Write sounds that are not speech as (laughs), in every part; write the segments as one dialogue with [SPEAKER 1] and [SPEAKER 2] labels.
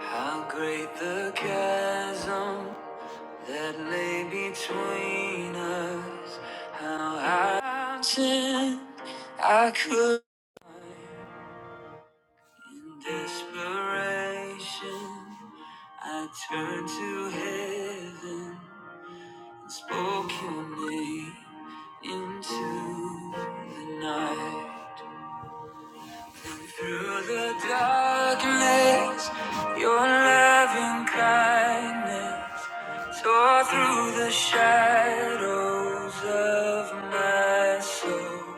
[SPEAKER 1] How great the chasm that lay between us. How I turned, I could. In desperation, I turned to heaven and spoke your name into the night. Through the darkness, your loving kindness. Soar through the shadows of my soul.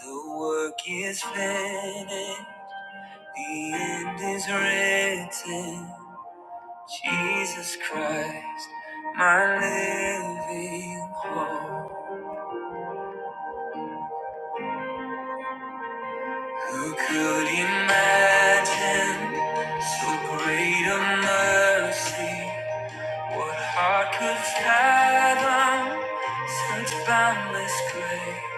[SPEAKER 1] The work is finished, the end is written. Jesus Christ, my living hope. Who could imagine so great a mercy? What heart could fathom such boundless grace?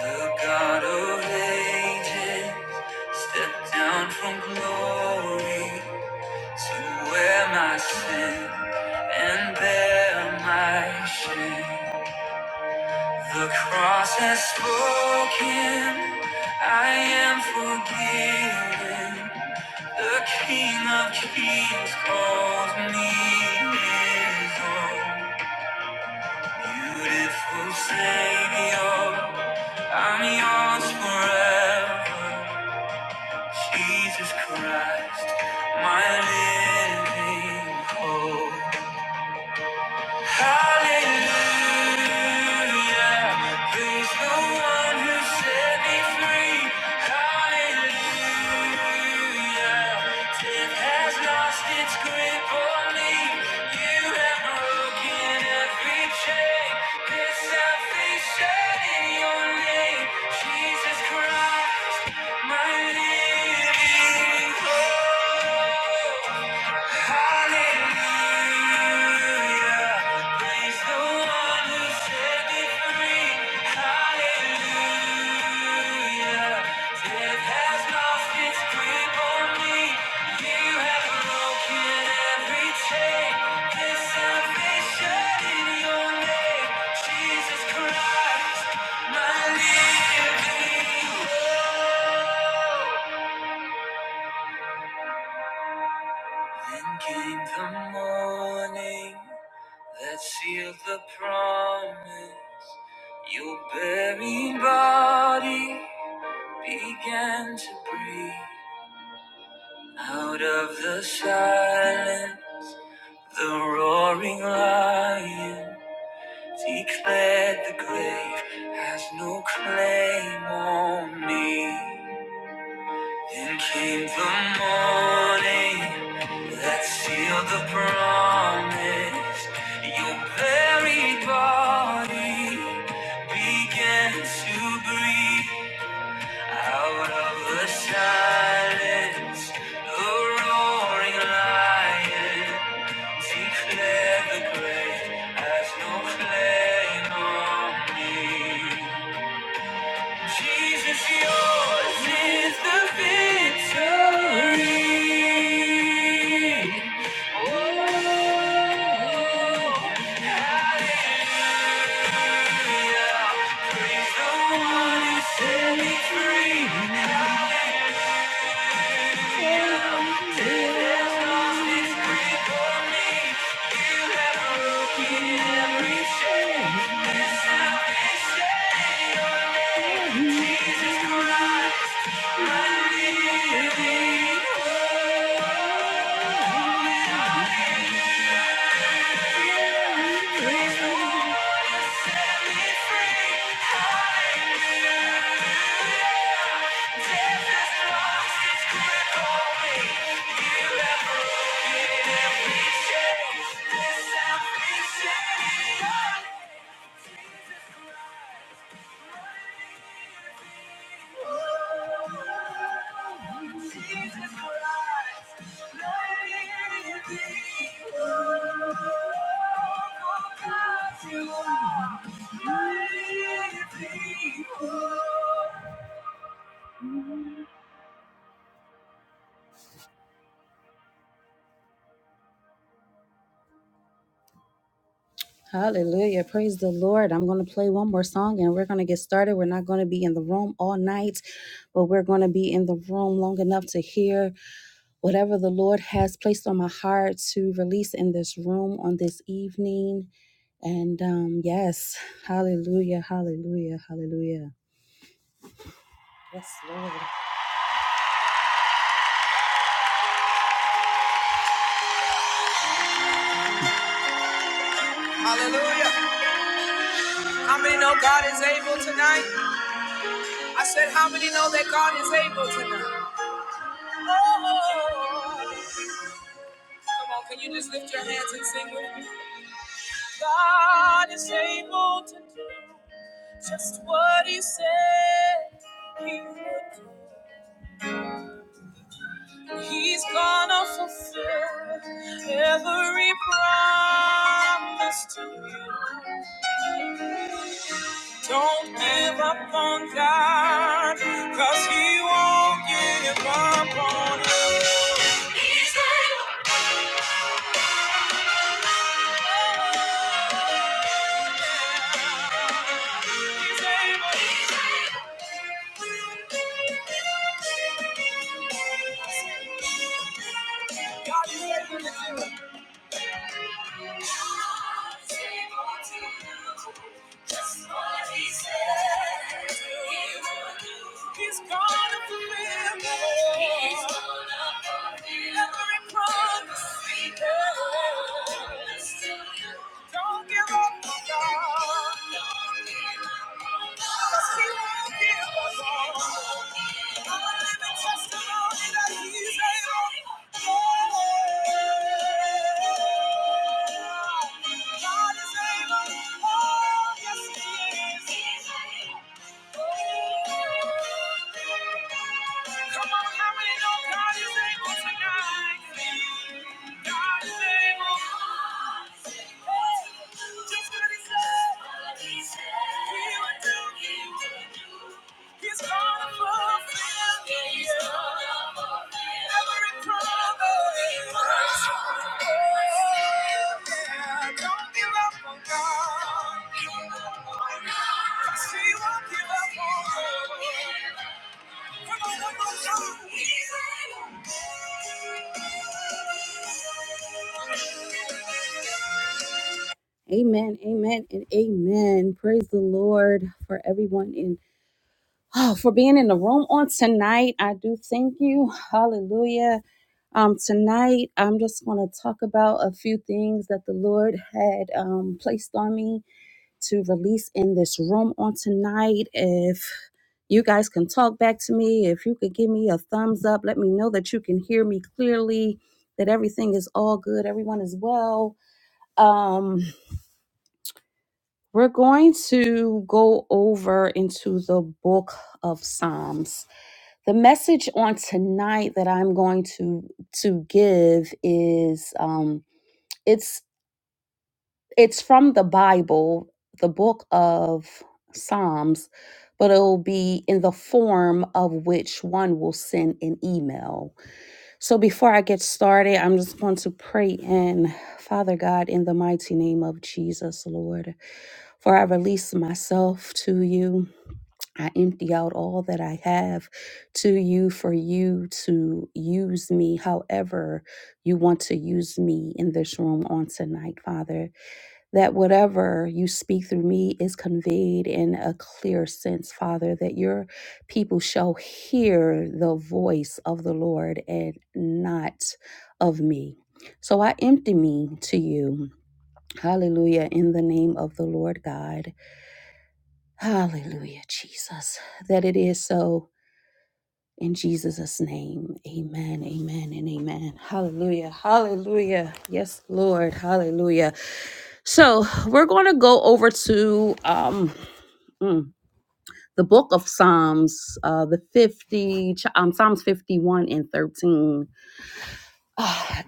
[SPEAKER 1] The God of ages stepped down from glory to wear my sin and bear my shame. The cross has spoken, I am forgiven. The King of kings calls me his own. Beautiful Savior, I'm yours forever. Jesus Christ, my living hope. Hallelujah. Praise the one who set me free. Hallelujah. Death has lost its grip on me. You have broken every chain. There's salvation in your name. Jesus Christ, my living hope. Hallelujah. Praise the one who set me free. Hallelujah. Death has lost its grip on me. You have broken every chain. There's salvation in your name. Jesus Christ, my living hope. Then came the morning. That seals the promise. Your buried body began to breathe out of the silence. The roaring lion declared the grave has no claim on me. Then came the morning that sealed the promise. Your buried body began to breathe out of the silence. The roaring lion declared the grave has no claim on me. Jesus, yours is the victory. Oh, hallelujah. He's the one who set me free. Broken every chain. Jesus Christ, my living hope. Jesus Christ, my living hope. Hallelujah. Praise the Lord. I'm going to play one more song and we're going to get started. We're not going to be in the room all night, but we're going to be in the room long enough to hear whatever the Lord has placed on my heart to release in this room on this evening. And um, yes, hallelujah, hallelujah, hallelujah. Yes, Lord. Hallelujah. How many know God is able tonight? I said, how many know that God is able tonight? Oh, come on, can you just lift your hands and sing with me? God is able to do just what He said He would. do. He's gonna fulfill every promise to you. Don't give up on God, 'cause He won't give up on you. He's able. He's able. God is able to do it. Just what he said he would do. He's gonna fulfill. every promise Don't give up on God. Cause he won't give us all. Come on, how many know God is able tonight? God is able. Just what he said. He will do. He's gonna fulfill He's gonna fulfill every promise. Oh, yeah, don't give up on God. Don't give up on God. Cause he won't give up on you. Come on, one more time. He's able. Amen, amen, and amen. Praise the Lord for everyone in oh, for being in the room on tonight. I do thank you. Hallelujah. Um, tonight, I'm just going to talk about a few things that the Lord had um, placed on me to release in this room on tonight. If you guys can talk back to me, if you could give me a thumbs up, let me know that you can hear me clearly, that everything is all good, everyone is well. Um, we're going to go over into the book of Psalms. The message on tonight that I'm going to to give is um, it's it's from the Bible, the book of Psalms, but it will be in the form of which one will send an email. So before I get started, I'm just going to pray in Father God in the mighty name of Jesus, Lord. For I release myself to you. I empty out all that I have to you for you to use me however you want to use me in this room on tonight, Father that whatever you speak through me is conveyed in a clear sense, Father, that your people shall hear the voice of the Lord and not of me. So I empty me to you. Hallelujah. In the name of the Lord God. Hallelujah, Jesus. That it is so. In Jesus' name, amen, amen, and amen. Hallelujah, hallelujah. Yes, Lord, hallelujah. So we're going to go over to um, mm, the book of Psalms, uh, the 50, ch- um, Psalms 51 and 13. (sighs) Ah,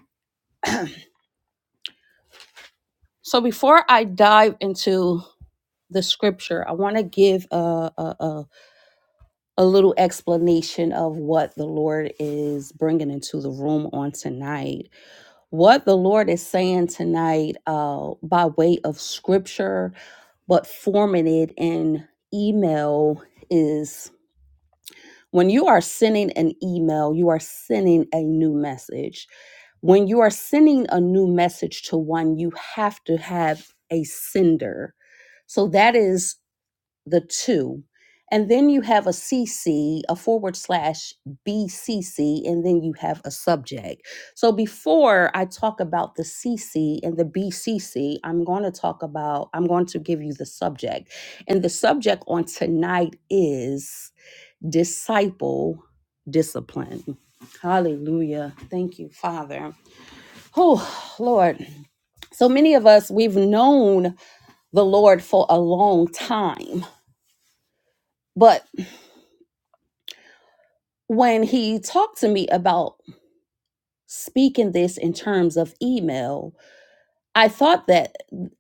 [SPEAKER 1] so before I dive into the scripture, I want to give a, a, a, a little explanation of what the Lord is bringing into the room on tonight what the Lord is saying tonight uh, by way of scripture, but forming it in email is when you are sending an email, you are sending a new message. When you are sending a new message to one, you have to have a sender. So that is the two. And then you have a CC, a forward slash BCC, and then you have a subject. So before I talk about the CC and the BCC, I'm going to talk about, I'm going to give you the subject. And the subject on tonight is disciple discipline. Hallelujah. Thank you, Father. Oh, Lord. So many of us, we've known the Lord for a long time. But when he talked to me about speaking this in terms of email, I thought that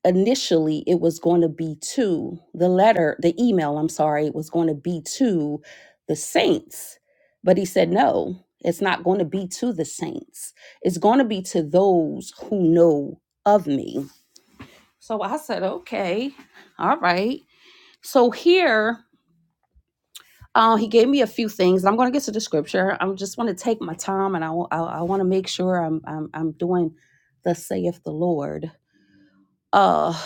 [SPEAKER 1] initially it was going to be to the letter, the email, I'm sorry, was going to be to the saints. But he said, no, it's not going to be to the saints. It's going to be to those who know of me. So I said, okay, all right. So here Uh, he gave me a few things. I'm going to get to the scripture. I just want to take my time, and I, wa- I, I want to make sure I'm, I'm I'm doing the saith the Lord. Uh,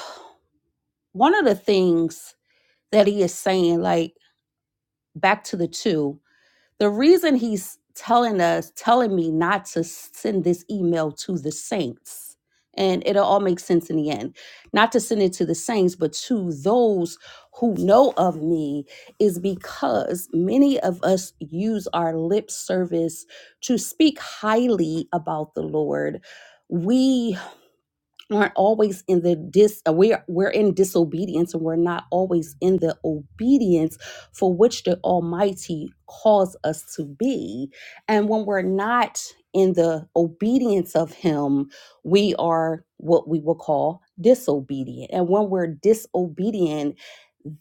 [SPEAKER 1] one of the things that he is saying, like back to the two. The reason he's telling us, telling me not to send this email to the saints, and it'll all make sense in the end, not to send it to the saints, but to those who know of me, is because many of us use our lip service to speak highly about the Lord. We aren't always in the dis uh, we're we're in disobedience and we're not always in the obedience for which the almighty calls us to be and when we're not in the obedience of him we are what we will call disobedient and when we're disobedient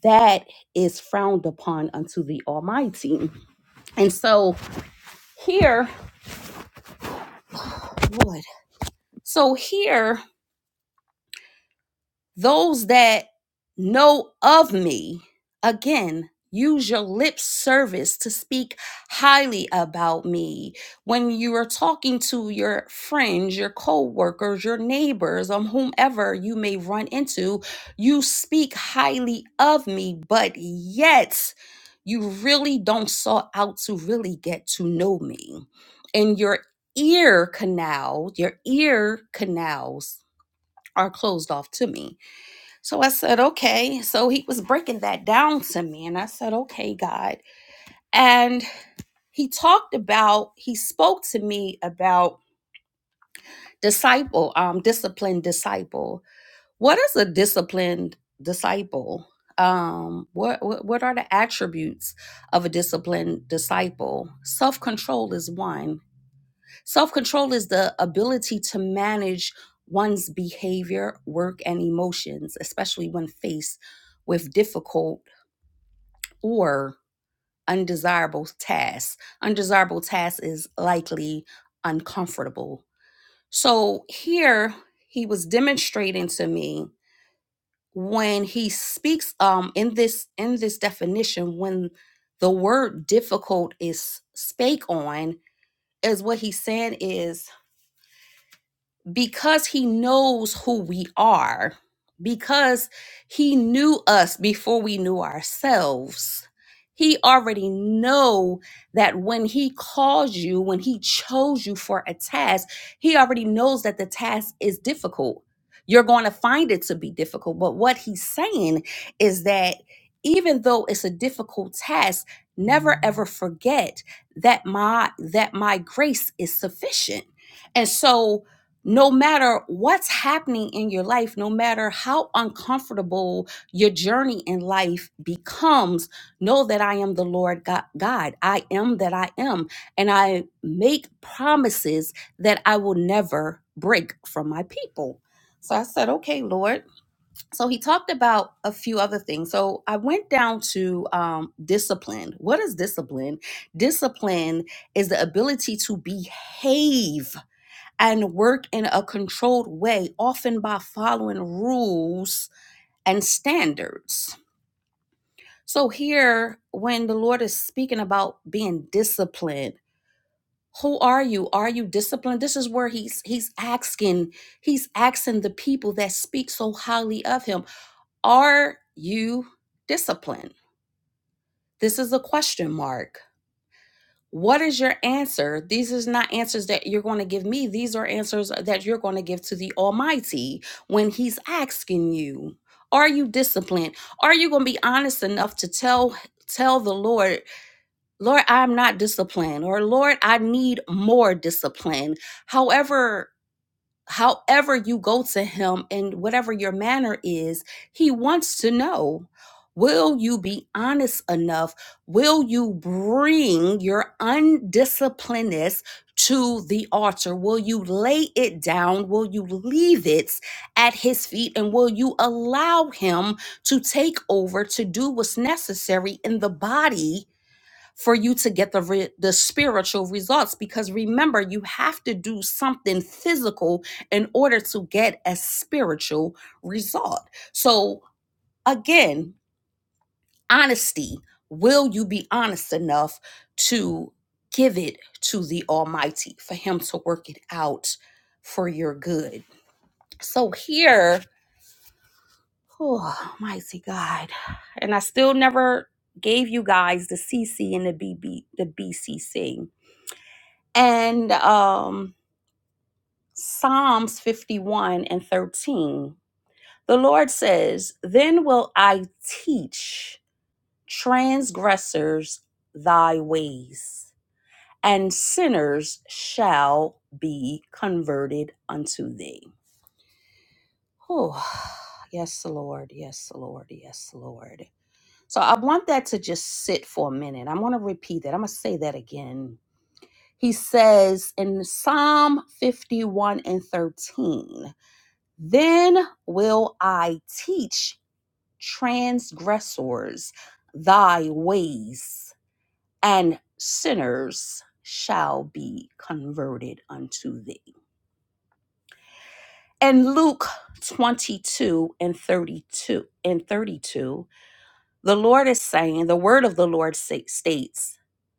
[SPEAKER 1] that is frowned upon unto the almighty and so here lord so here Those that know of me, again, use your lip service to speak highly about me. When you are talking to your friends, your coworkers, your neighbors, or whomever you may run into, you speak highly of me, but yet you really don't sought out to really get to know me. And your ear canal, your ear canals are closed off to me so I said, okay. So he was breaking that down to me. And I said, okay, God. And he talked about, he spoke to me about disciple, um, disciplined disciple. What is a disciplined disciple? Um, what, what what are the attributes of a disciplined disciple? Self-control is one. Self-control is the ability to manage one's behavior, work, and emotions, especially when faced with difficult or undesirable tasks. Undesirable tasks is likely uncomfortable. So here he was demonstrating to me when he speaks um in this in this definition when the word difficult is spake on is what he's saying is because he knows who we are, because he knew us before we knew ourselves. He already know that when he calls you, when he chose you for a task, he already knows that the task is difficult. You're going to find it to be difficult, but what he's saying is that even though it's a difficult task, never ever forget that my that my grace is sufficient. And so no matter what's happening in your life, no matter how uncomfortable your journey in life becomes, know that I am the Lord Go- God. I am that I am. And I make promises that I will never break from my people. So I said, okay, Lord. So he talked about a few other things. So I went down to um, discipline. What is discipline? Discipline is the ability to behave and work in a controlled way, often by following rules and standards. So, here, when the Lord is speaking about being disciplined, who are you? Are you disciplined? This is where he's he's asking he's asking the people that speak so highly of him, are you disciplined? This is a question mark. What is your answer? These is not answers that you're going to give me. These are answers that you're going to give to the Almighty when He's asking you. Are you disciplined? Are you going to be honest enough to tell tell the Lord, Lord, I'm not disciplined, or Lord, I need more discipline. However, however you go to him and whatever your manner is, he wants to know will you be honest enough? Will you bring your undisciplinedness to the altar? Will you lay it down? Will you leave it at his feet? And will you allow him to take over to do what's necessary in the body? for you to get the re- the spiritual results because remember you have to do something physical in order to get a spiritual result so again honesty will you be honest enough to give it to the almighty for him to work it out for your good so here oh mighty god and i still never gave you guys the cc and the bb the bcc And um, Psalms 51 and 13, the Lord says, Then will I teach transgressors thy ways, and sinners shall be converted unto thee. Oh, yes, Lord. Yes, Lord. Yes, Lord. So I want that to just sit for a minute. I'm going to repeat that. I'm going to say that again. He says in Psalm 51 and 13, Then will I teach transgressors thy ways, and sinners shall be converted unto thee. And Luke 22 and 32 and 32, the Lord is saying, the word of the Lord states,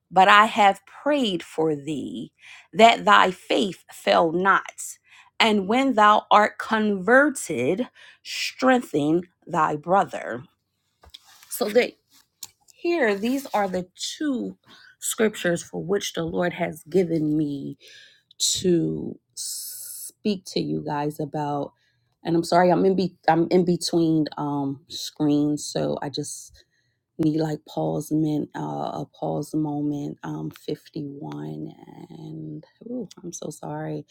[SPEAKER 1] But I have prayed for thee that thy faith fail not. And when thou art converted, strengthen thy brother. So that here, these are the two scriptures for which the Lord has given me to speak to you guys about. And I'm sorry, I'm in be- I'm in between um screens, so I just need like Paul's men, uh, a Paul's moment, um, 51 and ooh, I'm so sorry,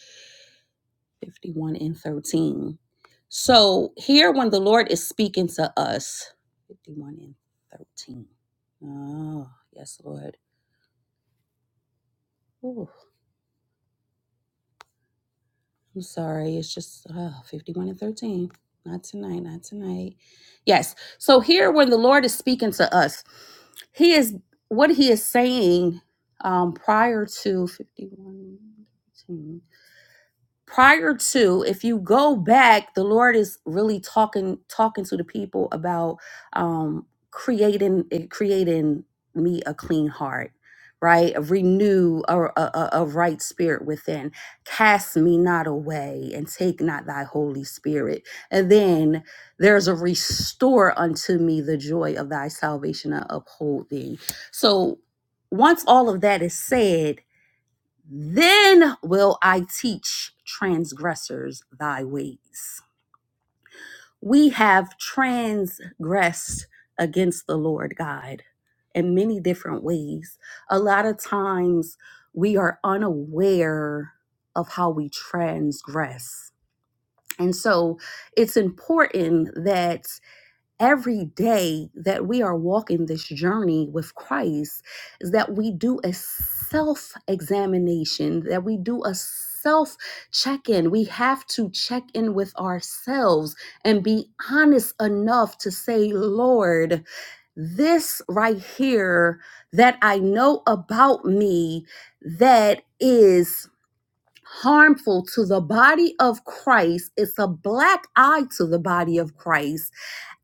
[SPEAKER 1] 51 and 13. So here, when the Lord is speaking to us, 51 and 13. Oh, yes, Lord. I'm sorry. It's just uh, 51 and 13. Not tonight. Not tonight. Yes. So here, when the Lord is speaking to us, He is what He is saying um, prior to 51 prior to if you go back the lord is really talking talking to the people about um creating eh, creating me a clean heart right a renew a, a, a a right spirit within cast me not away and take not thy holy spirit and then there's a restore unto me the joy of thy salvation and uphold thee so once all of that is said then will I teach transgressors thy ways. We have transgressed against the Lord God in many different ways. A lot of times we are unaware of how we transgress. And so it's important that every day that we are walking this journey with Christ is that we do a self examination, that we do a self check in. We have to check in with ourselves and be honest enough to say, Lord, this right here that I know about me that is harmful to the body of Christ. It's a black eye to the body of Christ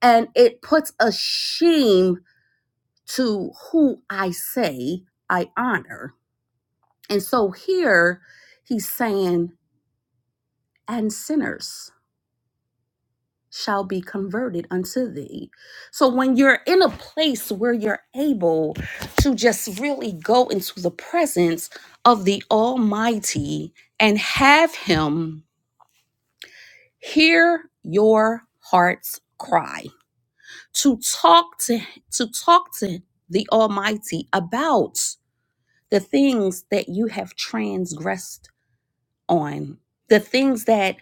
[SPEAKER 1] and it puts a shame to who I say I honor. And so here he's saying, and sinners shall be converted unto thee. So when you're in a place where you're able to just really go into the presence of the Almighty and have Him hear your heart's cry, to talk to to talk to the Almighty about the things that you have transgressed on, the things that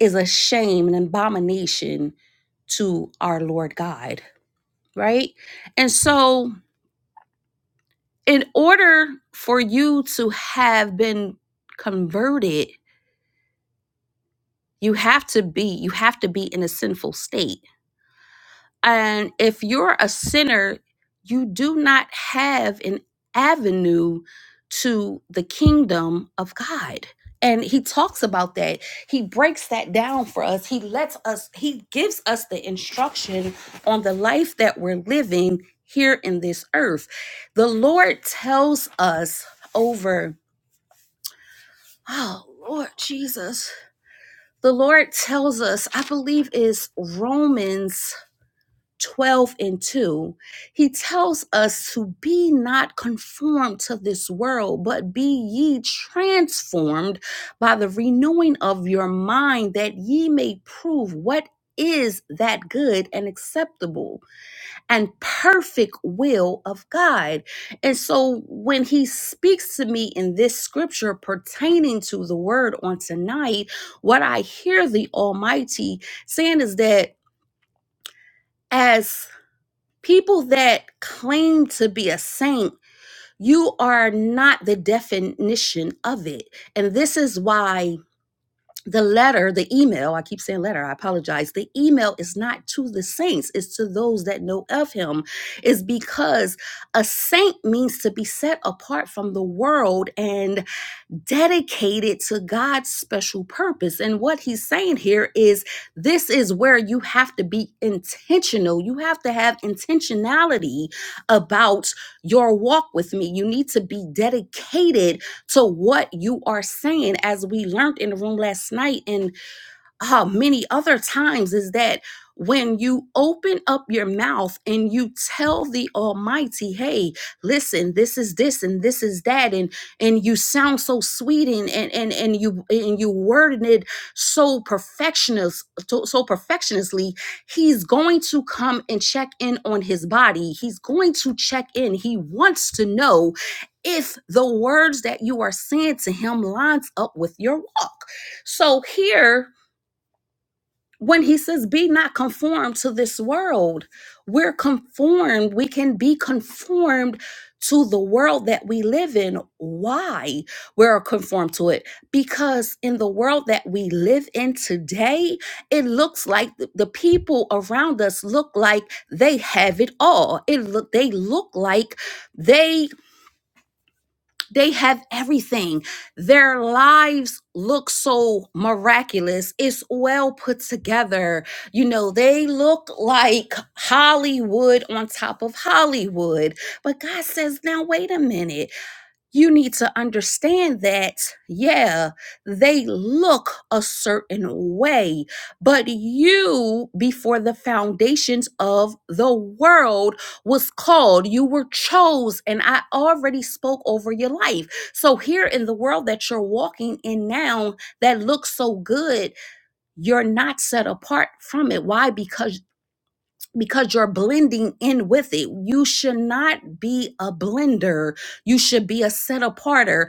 [SPEAKER 1] is a shame, an abomination to our Lord God, right? And so, in order for you to have been converted, you have to be you have to be in a sinful state And if you're a sinner, you do not have an avenue to the kingdom of God. And he talks about that. He breaks that down for us. He lets us, he gives us the instruction on the life that we're living here in this earth. The Lord tells us over, oh, Lord Jesus. The Lord tells us, I believe is Romans 12 and 2, he tells us to be not conformed to this world, but be ye transformed by the renewing of your mind, that ye may prove what is that good and acceptable and perfect will of God. And so when he speaks to me in this scripture pertaining to the word on tonight, what I hear the Almighty saying is that. As people that claim to be a saint, you are not the definition of it. And this is why the letter, the email, I keep saying letter, I apologize. The email is not to the saints, it's to those that know of him, is because a saint means to be set apart from the world. And dedicated to God's special purpose. And what he's saying here is this is where you have to be intentional. You have to have intentionality about your walk with me. You need to be dedicated to what you are saying, as we learned in the room last night. in uh, many other times is that when you open up your mouth and you tell the almighty hey listen this is this and this is that and and you sound so sweet and and and, and you and you worded it so perfectionist so, so perfectionistly he's going to come and check in on his body he's going to check in he wants to know if the words that you are saying to him lines up with your walk so here when he says be not conformed to this world we're conformed we can be conformed to the world that we live in why we're conformed to it because in the world that we live in today it looks like th- the people around us look like they have it all it look they look like they they have everything. Their lives look so miraculous. It's well put together. You know, they look like Hollywood on top of Hollywood. But God says, now wait a minute you need to understand that, yeah, they look a certain way, but you, before the foundations of the world, was called, you were chose, and I already spoke over your life. So, here in the world that you're walking in now that looks so good, you're not set apart from it. Why? Because because you're blending in with it. You should not be a blender. You should be a set aparter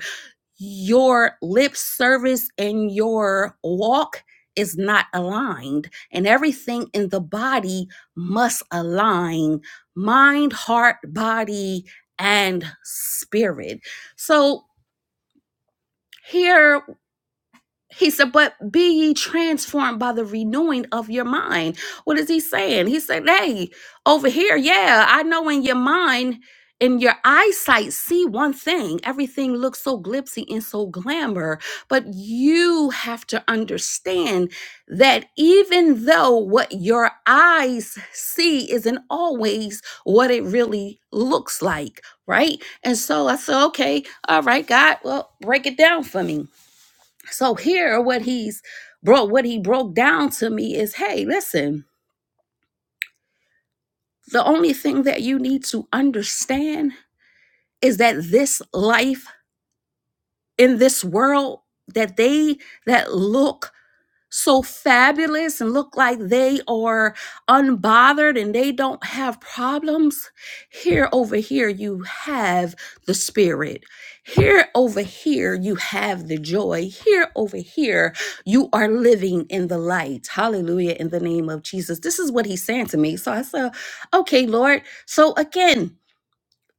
[SPEAKER 1] your lip service and your walk is not aligned and everything in the body must align mind heart body and spirit so here he said, but be ye transformed by the renewing of your mind. What is he saying? He said, hey, over here, yeah, I know in your mind, in your eyesight, see one thing. Everything looks so glitzy and so glamour. But you have to understand that even though what your eyes see isn't always what it really looks like, right? And so I said, okay, all right, God, well, break it down for me. So here what he's brought what he broke down to me is hey, listen, the only thing that you need to understand is that this life in this world that they that look so fabulous and look like they are unbothered and they don't have problems. Here over here, you have the spirit. Here over here, you have the joy. Here over here, you are living in the light. Hallelujah, in the name of Jesus. This is what he's saying to me. So I said, okay, Lord. So again,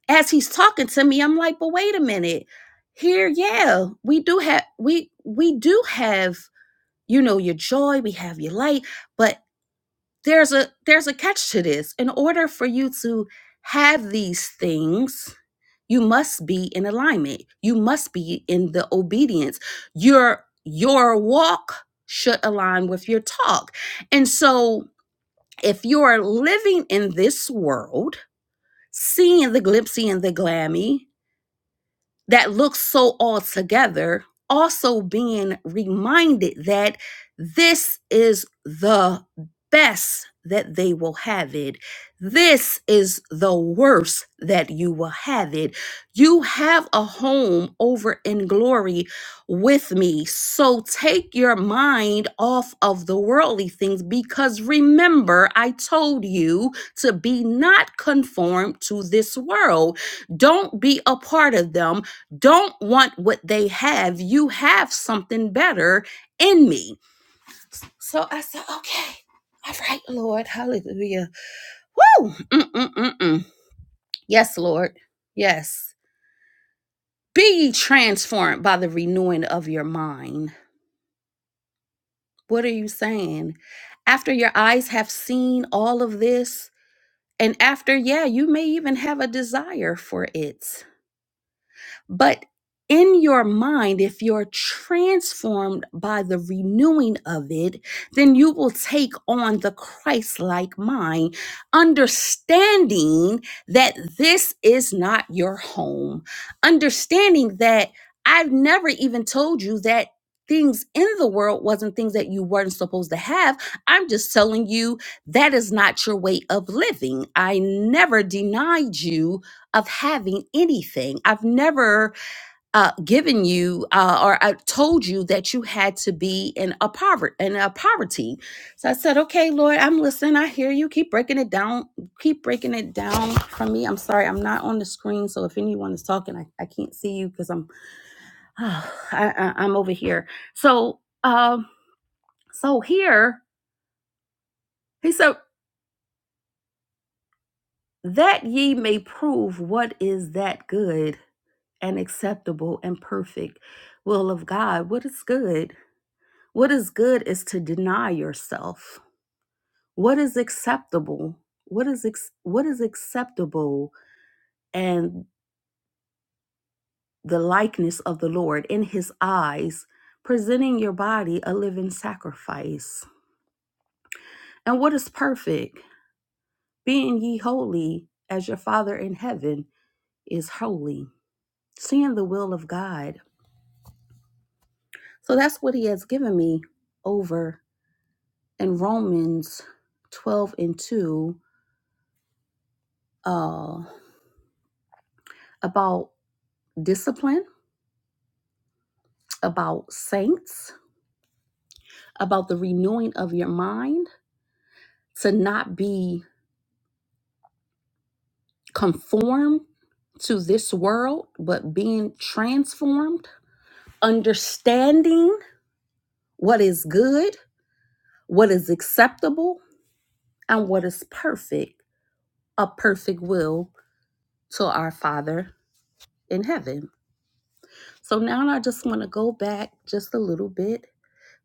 [SPEAKER 1] as he's talking to me, I'm like, but wait a minute. Here, yeah, we do have we we do have you know your joy we have your light but there's a there's a catch to this in order for you to have these things you must be in alignment you must be in the obedience your your walk should align with your talk and so if you're living in this world seeing the glitzy and the glammy that looks so all together, also being reminded that this is the best that they will have it. This is the worst that you will have it. You have a home over in glory with me. So take your mind off of the worldly things because remember, I told you to be not conformed to this world. Don't be a part of them don't want what they have. You have something better in me. So I said, okay. All right, Lord. Hallelujah. Woo! Mm-mm-mm-mm. Yes, Lord. Yes. Be ye transformed by the renewing of your mind. What are you saying? After your eyes have seen all of this, and after, yeah, you may even have a desire for it. But in your mind, if you're transformed by the renewing of it, then you will take on the Christ like mind, understanding that this is not your home, understanding that I've never even told you that things in the world wasn't things that you weren't supposed to have. I'm just telling you that is not your way of living. I never denied you of having anything. I've never uh, given you uh, or I told you that you had to be in a poverty in a poverty. So I said, "Okay, Lord, I'm listening. I hear you. Keep breaking it down. Keep breaking it down for me. I'm sorry, I'm not on the screen. So if anyone is talking, I, I can't see you because I'm (sighs) I, I, I'm over here. So um, so here he said that ye may prove what is that good." and acceptable and perfect will of God. What is good? What is good is to deny yourself. What is acceptable? What is ex- what is acceptable and the likeness of the Lord in his eyes, presenting your body a living sacrifice. And what is perfect? Being ye holy as your Father in heaven is holy. Seeing the will of God. So that's what he has given me over in Romans 12 and 2 uh, about discipline, about saints, about the renewing of your mind to not be conformed to this world, but being transformed, understanding what is good, what is acceptable, and what is perfect, a perfect will to our Father in heaven. So now I just want to go back just a little bit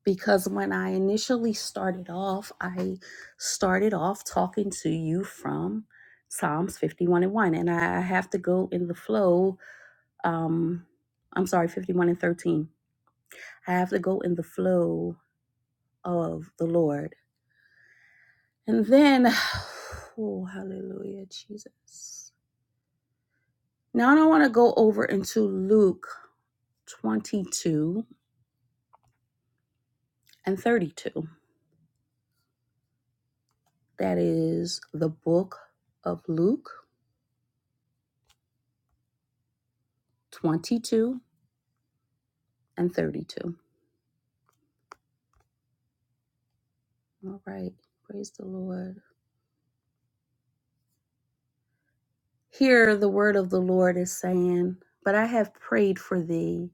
[SPEAKER 1] because when I initially started off, I started off talking to you from Psalms 51 and 1. And I have to go in the flow. Um, I'm sorry, 51 and 13. I have to go in the flow of the Lord. And then, (sighs) oh, hallelujah, Jesus. Now I don't want to go over into Luke 22 and 32. That is the book of Luke 22 and 32. All right. Praise the Lord. Here the word of the Lord is saying, But I have prayed for thee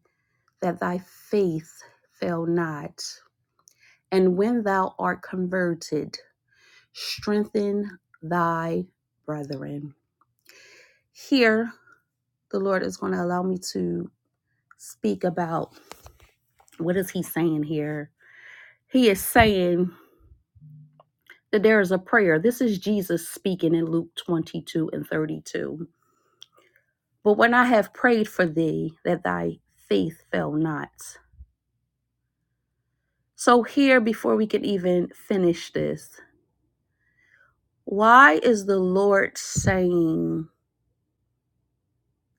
[SPEAKER 1] that thy faith fail not. And when thou art converted, strengthen thy brethren. Here the Lord is going to allow me to speak about what is he saying here? He is saying that there is a prayer. This is Jesus speaking in Luke 22 and 32. But when I have prayed for thee, that thy faith fail not. So, here, before we can even finish this, why is the Lord saying,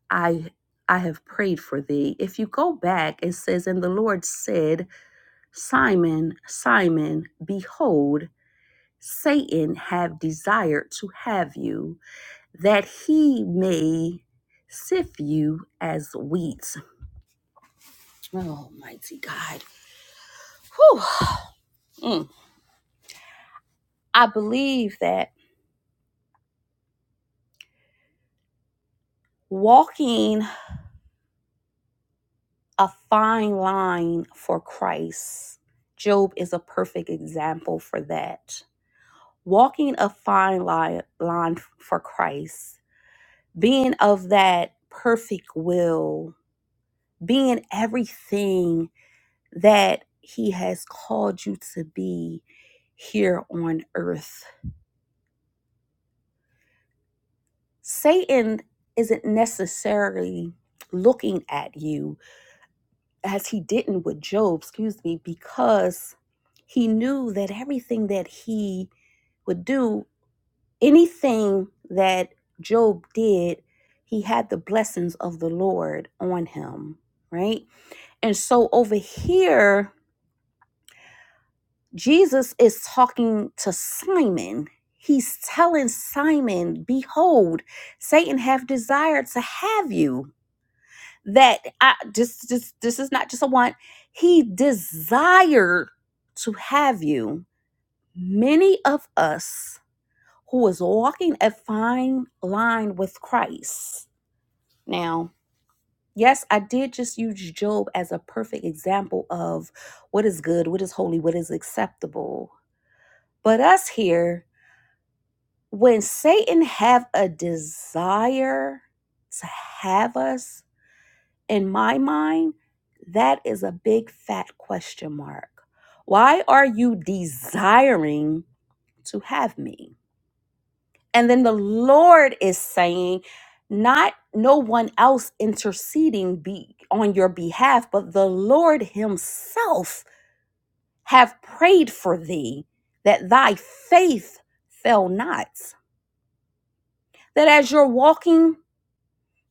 [SPEAKER 1] I, I have prayed for thee? If you go back, it says, And the Lord said, Simon, Simon, behold, Satan have desired to have you, that he may sift you as wheat. Oh, mighty God. Whew. Mm. I believe that walking a fine line for Christ, Job is a perfect example for that. Walking a fine line, line for Christ, being of that perfect will, being everything that He has called you to be here on earth. Satan isn't necessarily looking at you as he didn't with Job, excuse me, because he knew that everything that he would do, anything that Job did, he had the blessings of the Lord on him, right? And so over here, Jesus is talking to Simon. He's telling Simon, Behold, Satan have desired to have you that I just just this is not just a want. He desired to have you. Many of us who is walking a fine line with Christ. Now, yes, I did just use Job as a perfect example of what is good, what is holy, what is acceptable. But us here, when Satan have a desire to have us, in my mind, that is a big fat question mark. Why are you desiring to have me? And then the Lord is saying, not no one else interceding be on your behalf, but the Lord Himself have prayed for thee that thy faith fail not. That as you're walking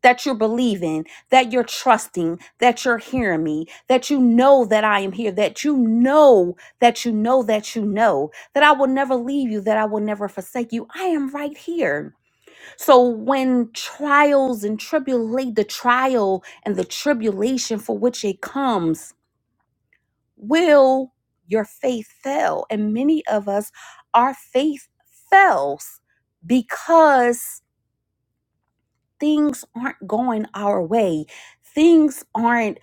[SPEAKER 1] that you're believing, that you're trusting, that you're hearing me, that you know that I am here, that you know that you know that you know that I will never leave you, that I will never forsake you. I am right here. So when trials and tribulate the trial and the tribulation for which it comes, will your faith fail? And many of us, our faith fails because things aren't going our way, things aren't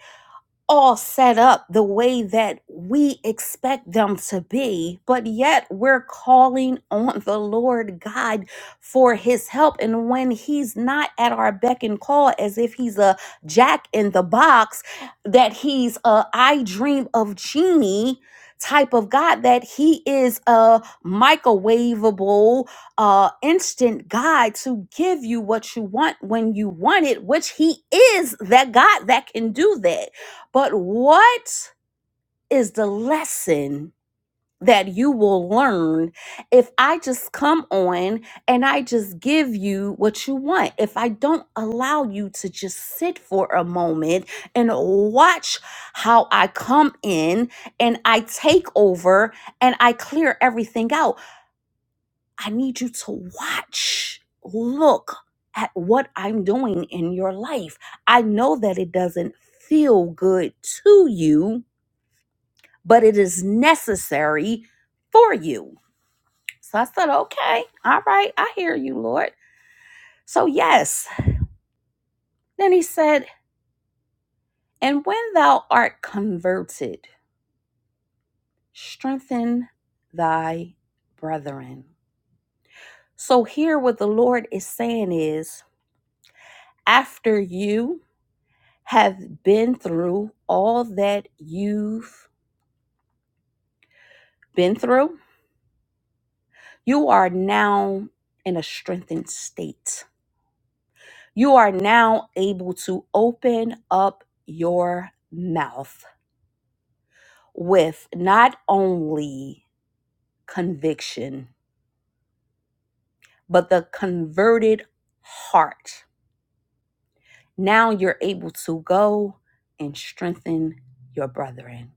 [SPEAKER 1] all set up the way that we expect them to be, but yet we're calling on the Lord God for his help. And when he's not at our beck and call, as if he's a jack in the box, that he's a I dream of genie type of God, that he is a microwavable, uh, instant God to give you what you want when you want it, which he is that God that can do that. But what is the lesson that you will learn if I just come on and I just give you what you want? If I don't allow you to just sit for a moment and watch how I come in and I take over and I clear everything out, I need you to watch, look at what I'm doing in your life. I know that it doesn't feel good to you but it is necessary for you. So I said, Okay, all right, I hear you, Lord. So, yes. Then he said, And when thou art converted, strengthen thy brethren. So, here what the Lord is saying is, after you have been through all that you've been through, you are now in a strengthened state You are now able to open up your mouth with not only conviction, but the converted heart. Now you're able to go and strengthen your brethren.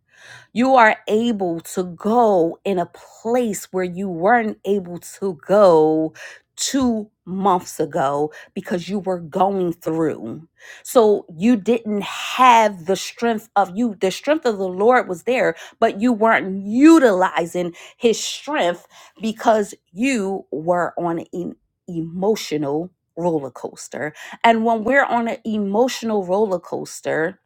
[SPEAKER 1] You are able to go in a place where you weren't able to go two months ago because you were going through. So you didn't have the strength of you. The strength of the Lord was there, but you weren't utilizing his strength because you were on an emotional roller coaster. And when we're on an emotional roller coaster,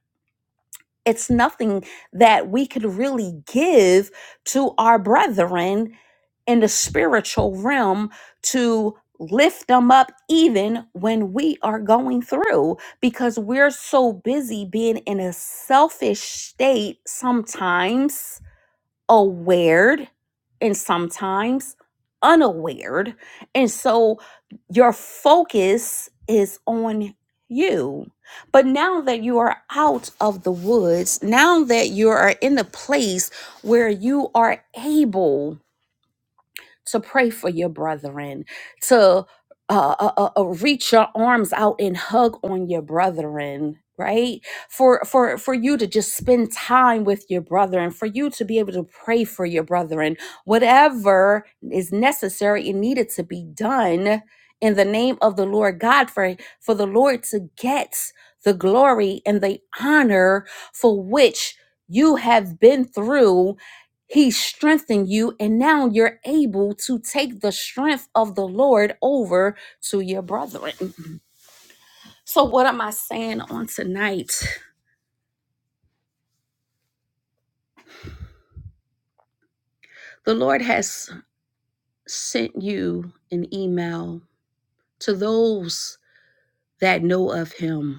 [SPEAKER 1] it's nothing that we could really give to our brethren in the spiritual realm to lift them up even when we are going through because we're so busy being in a selfish state sometimes aware and sometimes unaware. And so your focus is on you. But now that you are out of the woods, now that you are in a place where you are able to pray for your brethren, to uh, uh, uh, uh, reach your arms out and hug on your brethren right for for for you to just spend time with your brethren for you to be able to pray for your brethren whatever is necessary and needed to be done in the name of the lord god for for the lord to get the glory and the honor for which you have been through he strengthened you, and now you're able to take the strength of the Lord over to your brethren. So, what am I saying on tonight? The Lord has sent you an email to those that know of Him.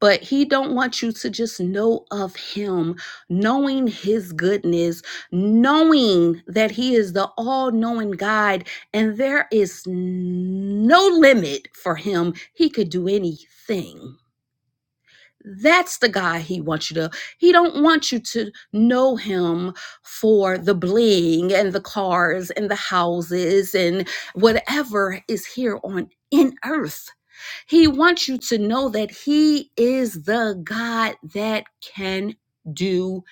[SPEAKER 1] but he don't want you to just know of him knowing his goodness knowing that he is the all-knowing guide and there is no limit for him he could do anything that's the guy he wants you to he don't want you to know him for the bling and the cars and the houses and whatever is here on in earth he wants you to know that He is the God that can do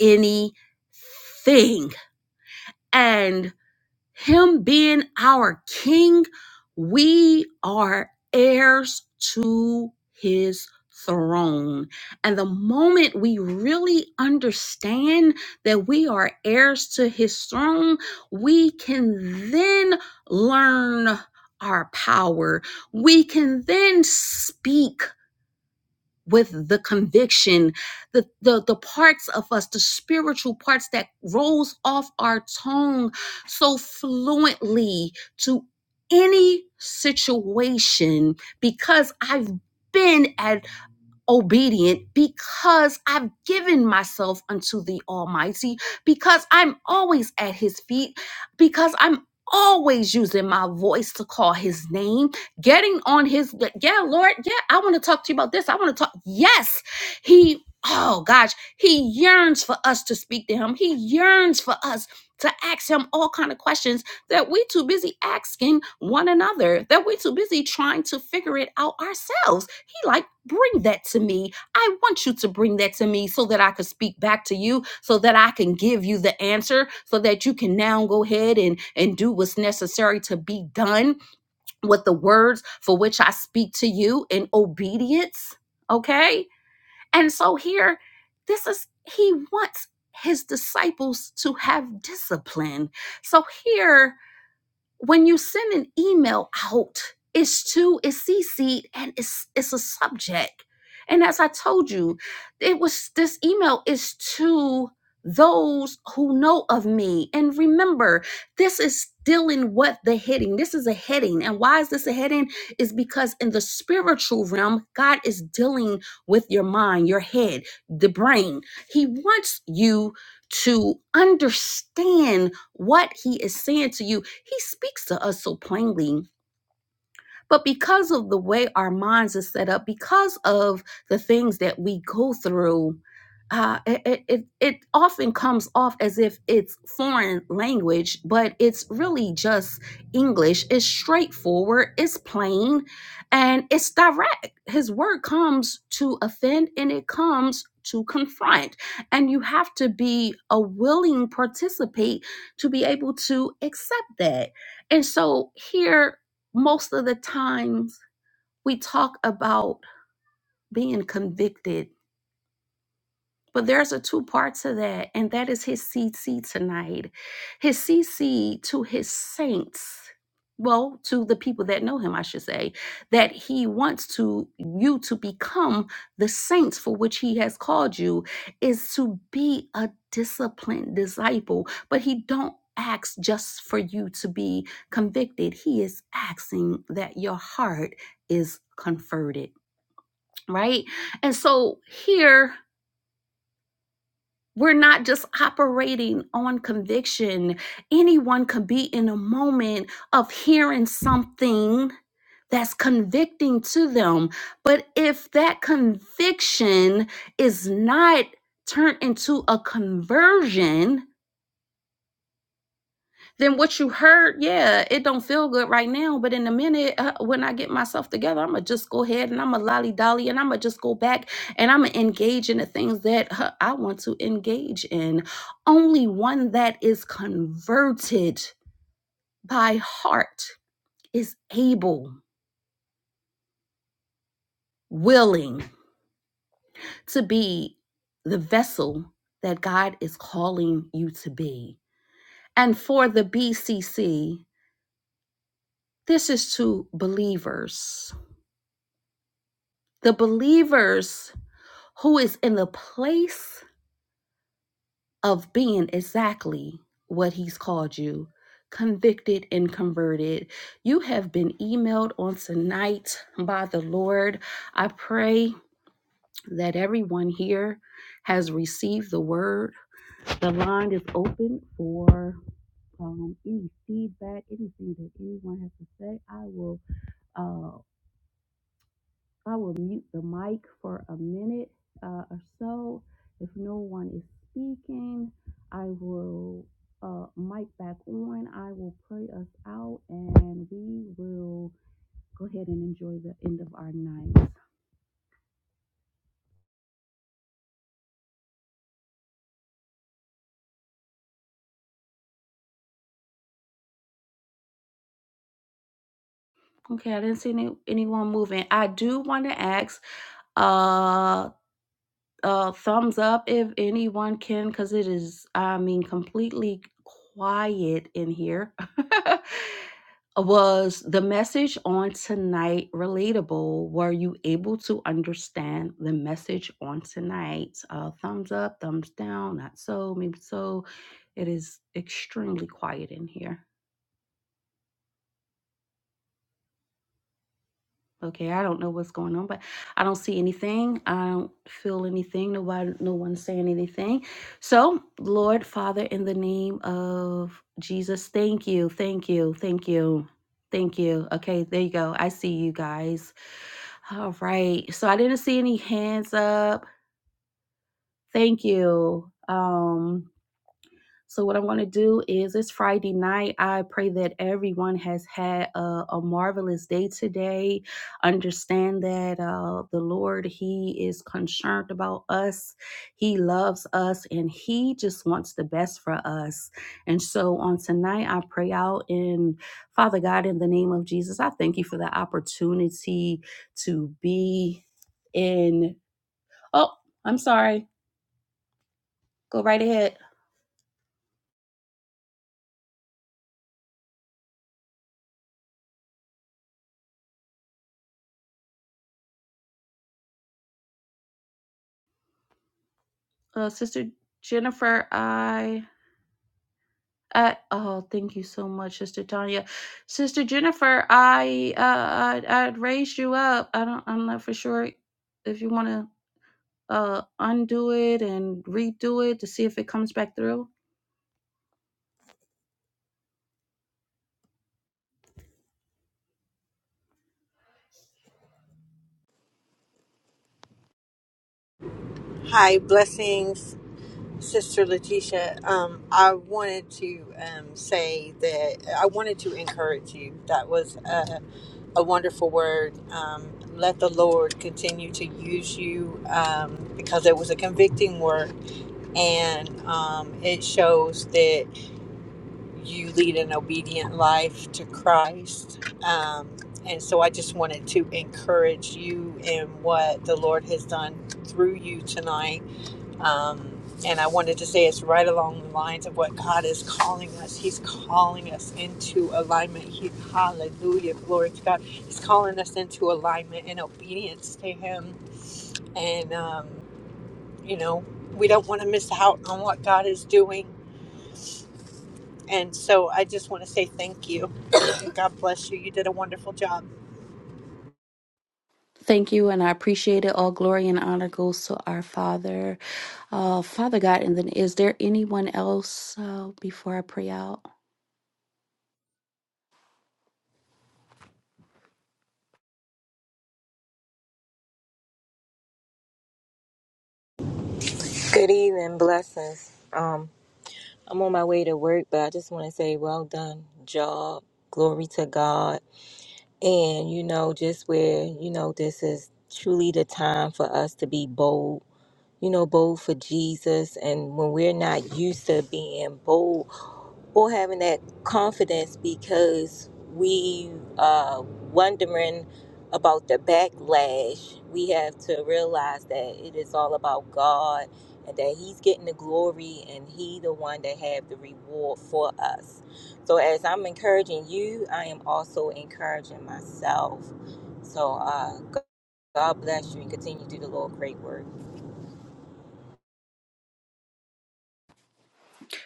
[SPEAKER 1] anything. And Him being our King, we are heirs to His throne. And the moment we really understand that we are heirs to His throne, we can then learn our power. We can then speak with the conviction the, the the parts of us the spiritual parts that rolls off our tongue so fluently to any situation because i've been at obedient because I've given myself unto the Almighty, because I'm always at His feet, because I'm always using my voice to call His name, getting on His, yeah, Lord, yeah, I want to talk to you about this. I want to talk. Yes, He, oh gosh, He yearns for us to speak to Him, He yearns for us to ask him all kind of questions that we too busy asking one another that we too busy trying to figure it out ourselves like bring that to me i want you to bring that to me so that i could speak back to you so that i can give you the answer so that you can now go ahead and and do what's necessary to be done with the words for which i speak to you in obedience okay and so here this is he wants his disciples to have discipline so here when you send an email out, it's to it's CC'd and it's it's a subject. And as I told you, it was this email is to those who know of me. And remember, this is dealing with the heading. This is a heading. And why is this a heading? Is because in the spiritual realm, God is dealing with your mind, your head, the brain. He wants you to understand what he is saying to you he speaks to us so plainly but because of the way our minds are set up, because of the things that we go through, uh, it, it, it often comes off as if it's foreign language, but it's really just English. It's straightforward, it's plain, and it's direct. His word comes to offend and it comes to confront. And you have to be a willing participant to be able to accept that. And so here most of the times we talk about being convicted but there's a two part to that, and that is his CC tonight. His CC to his saints, well, to the people that know him, I should say, that he wants to you to become the saints for which he has called you, is to be a disciplined disciple. But he don't ask just for you to be convicted. He is asking that your heart is converted, right? And so here we're not just operating on conviction. Anyone could be in a moment of hearing something that's convicting to them. But if that conviction is not turned into a conversion, then what you heard, yeah, it don't feel good right now. But in a minute, uh, when I get myself together, I'm gonna just go ahead and I'm gonna lolly dolly and I'm gonna just go back and I'm gonna engage in the things that uh, I want to engage in. Only one that is converted by heart is able, willing to be the vessel that God is calling you to be. And for the BCC, this is to believers the believers who is in the place of being exactly what he's called you convicted and converted you have been emailed on tonight by the lord i pray that everyone here has received the word the line is open for um, any feedback anything that anyone has to say i will uh, I will mute the mic for a minute uh, or so. If no one is speaking, I will uh, mic back on. I will pray us out and we will go ahead and enjoy the end of our night. Okay, I didn't see any, anyone moving. I do want to ask uh uh thumbs up if anyone can because it is i mean completely quiet in here (laughs) was the message on tonight relatable were you able to understand the message on tonight uh thumbs up thumbs down not so maybe so it is extremely quiet in here Okay, I don't know what's going on, but I don't see anything. I don't feel anything. Nobody, no one's saying anything. So, Lord, Father, in the name of Jesus, thank you, thank you, thank you, thank you. Okay, there you go. I see you guys. All right. So I didn't see any hands up. Thank you. Um, so what I'm going to do is it's Friday night. I pray that everyone has had a, a marvelous day today. Understand that uh, the Lord He is concerned about us. He loves us, and He just wants the best for us. And so on tonight, I pray out in Father God in the name of Jesus. I thank you for the opportunity to be in. Oh, I'm sorry. Go right ahead, uh, Sister Jennifer. I Uh, oh, thank you so much, Sister Tanya. Sister Jennifer, I uh, I I'd raised you up. I don't. I'm not for sure if you want to uh undo it and redo it to see if it comes back through.
[SPEAKER 2] Hi, blessings, Sister Letitia. Um, I wanted to um, say that I wanted to encourage you. That was a, a wonderful word. Um, let the Lord continue to use you um, because it was a convicting word and um, it shows that you lead an obedient life to Christ. Um, and so I just wanted to encourage you in what the Lord has done through you tonight um, and I wanted to say it's right along the lines of what God is calling us. He's calling us into alignment. He, hallelujah, glory to God. He's calling us into alignment and obedience to Him. And, um, you know, we don't want to miss out on what God is doing. And so I just want to say thank you. And God bless you. You did a wonderful job.
[SPEAKER 1] Thank you, and I appreciate it. All glory and honor goes to our Father, uh, Father God. And then, is there anyone else uh, before I pray out?
[SPEAKER 3] Good evening, blessings. Um, I'm on my way to work, but I just want to say, well done, job. Glory to God. And you know, just where you know this is truly the time for us to be bold. You know, bold for Jesus. And when we're not used to being bold or having that confidence because we are wondering about the backlash, we have to realize that it is all about God and that He's getting the glory and He the one that have the reward for us. So as I'm encouraging you, I am also encouraging myself. So uh, God bless you and continue to do the Lord great work.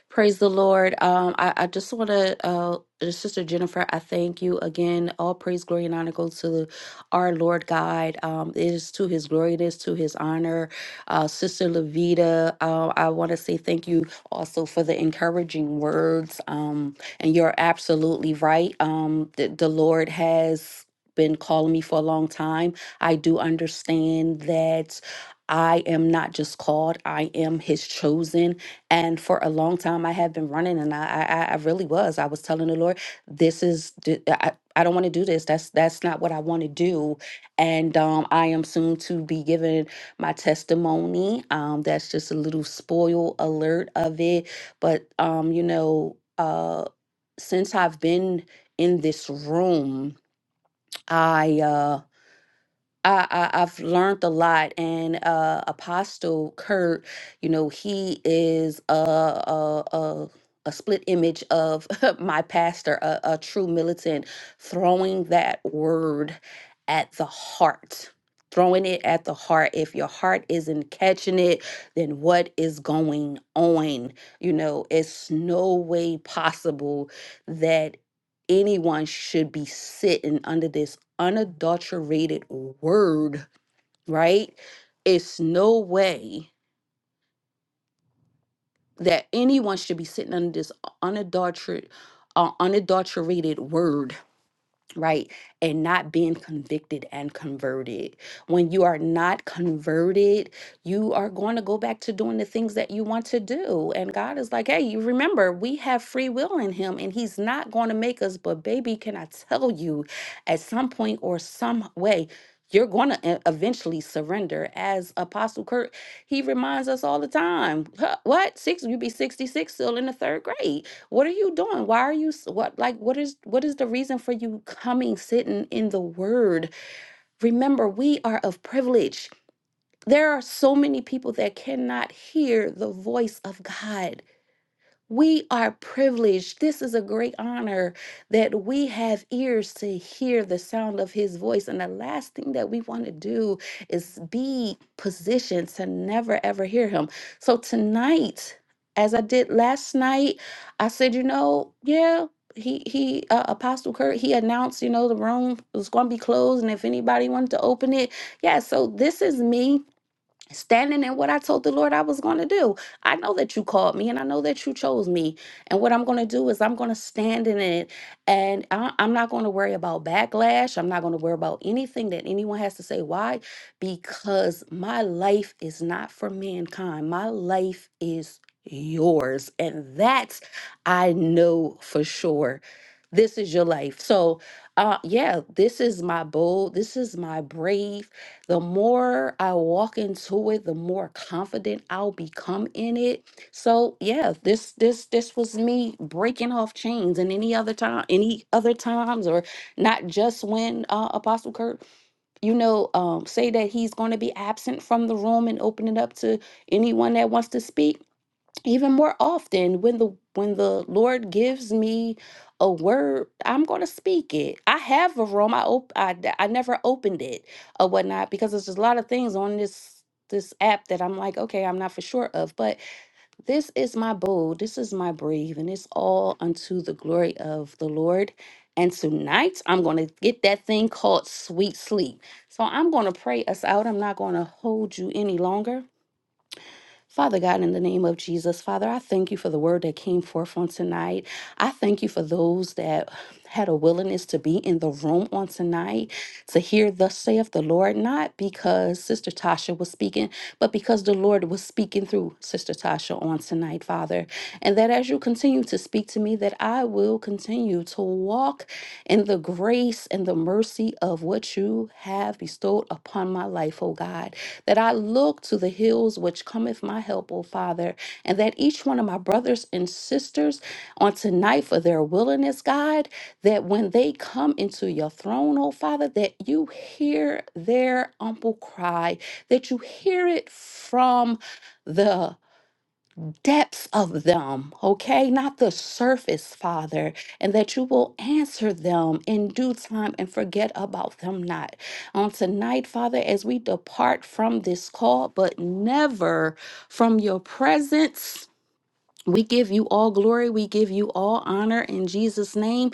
[SPEAKER 1] Praise the Lord. Um, I, I just want to, uh, Sister Jennifer, I thank you again. All praise, glory, and honor goes to our Lord God. Um, it is to his glory, it is to his honor. Uh, Sister Levita, uh, I want to say thank you also for the encouraging words. Um, and you're absolutely right. Um, the, the Lord has been calling me for a long time. I do understand that I am not just called, I am his chosen. And for a long time, I had been running, and I, I, I I really was. I was telling the Lord, "This is, d- I, I don't want to do this. That's, that's not what I want to do." And um, I am soon to be giving my testimony. Um, that's just a little spoil alert of it. But um, you know, uh, since I've been in this room, I uh I, I I've learned a lot, and uh, Apostle Kurt, you know, he is a a a, a split image of (laughs) my pastor, a, a true militant, throwing that word at the heart. Throwing it at the heart. If your heart isn't catching it, then what is going on? You know, it's no way possible that anyone should be sitting under this unadulterated word, right? It's no way that anyone should be sitting under this unadulterated, uh, unadulterated word right? And not being convicted and converted. When you are not converted, you are going to go back to doing the things that you want to do. And God is like, hey, you remember, we have free will in Him, and He's not going to make us. But, baby, can I tell you, at some point or some way, you're going to eventually surrender. As Apostle Kurt, he reminds us all the time, "Huh, what? Six? you be 66 still in the third grade. What are you doing? Why are you s- what like what is what is the reason for you coming sitting in the word? Remember, we are of privilege. There are so many people that cannot hear the voice of God. We are privileged. This is a great honor that we have ears to hear the sound of his voice. And the last thing that we want to do is be positioned to never ever hear him. So tonight, as I did last night, I said, you know, yeah, he he uh, Apostle Kurt, he announced, you know, the room was going to be closed and if anybody wanted to open it. Yeah, so this is me standing in what I told the Lord I was going to do. I know that you called me and I know that you chose me. And what I'm going to do is I'm going to stand in it and I, am not going to worry about backlash. I'm not going to worry about anything that anyone has to say. Why? Because my life is not for mankind, my life is yours. And that's, I know for sure. This is your life. So, uh, yeah, this is my bold, this is my brave the more I walk into it, the more confident I'll become in it. So yeah, this this this was me breaking off chains and any other time, any other times, or not just when uh, Apostle Kurt, you know, um, say that he's going to be absent from the room and open it up to anyone that wants to speak even more often when the when the lord gives me a word i'm going to speak it i have a room i op- I, d- I never opened it or whatnot because there's just a lot of things on this this app that i'm like okay i'm not for sure of but this is my bold this is my brave and it's all unto the glory of the lord and tonight i'm going to get that thing called sweet sleep so i'm going to pray us out i'm not going to hold you any longer Father God, in the name of Jesus, Father, I thank you for the word that came forth on tonight. I thank you for those that had a willingness to be in the room on tonight to hear thus saith the Lord, not because Sister Tasha was speaking, but because the Lord was speaking through Sister Tasha on tonight, Father. And that as you continue to speak to me, that I will continue to walk in the grace and the mercy of what you have bestowed upon my life, oh God that I look to the hills which cometh my help, O Father, and that each one of my brothers and sisters on tonight for their willingness, God, that when they come into your throne, O Father, that you hear their humble cry, that you hear it from the depths of them, okay? Not the surface, Father, and that you will answer them in due time and forget about them not. On tonight, Father, as we depart from this call, but never from your presence. We give you all glory. We give you all honor in Jesus' name.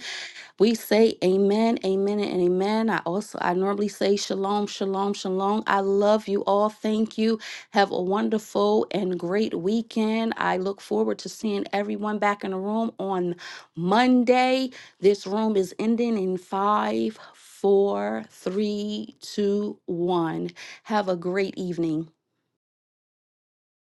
[SPEAKER 1] We say amen, amen, and amen. I also I normally say shalom, shalom, shalom. I love you all. Thank you. Have a wonderful and great weekend. I look forward to seeing everyone back in the room on Monday. This room is ending in five, four, three, two, one. Have a great evening.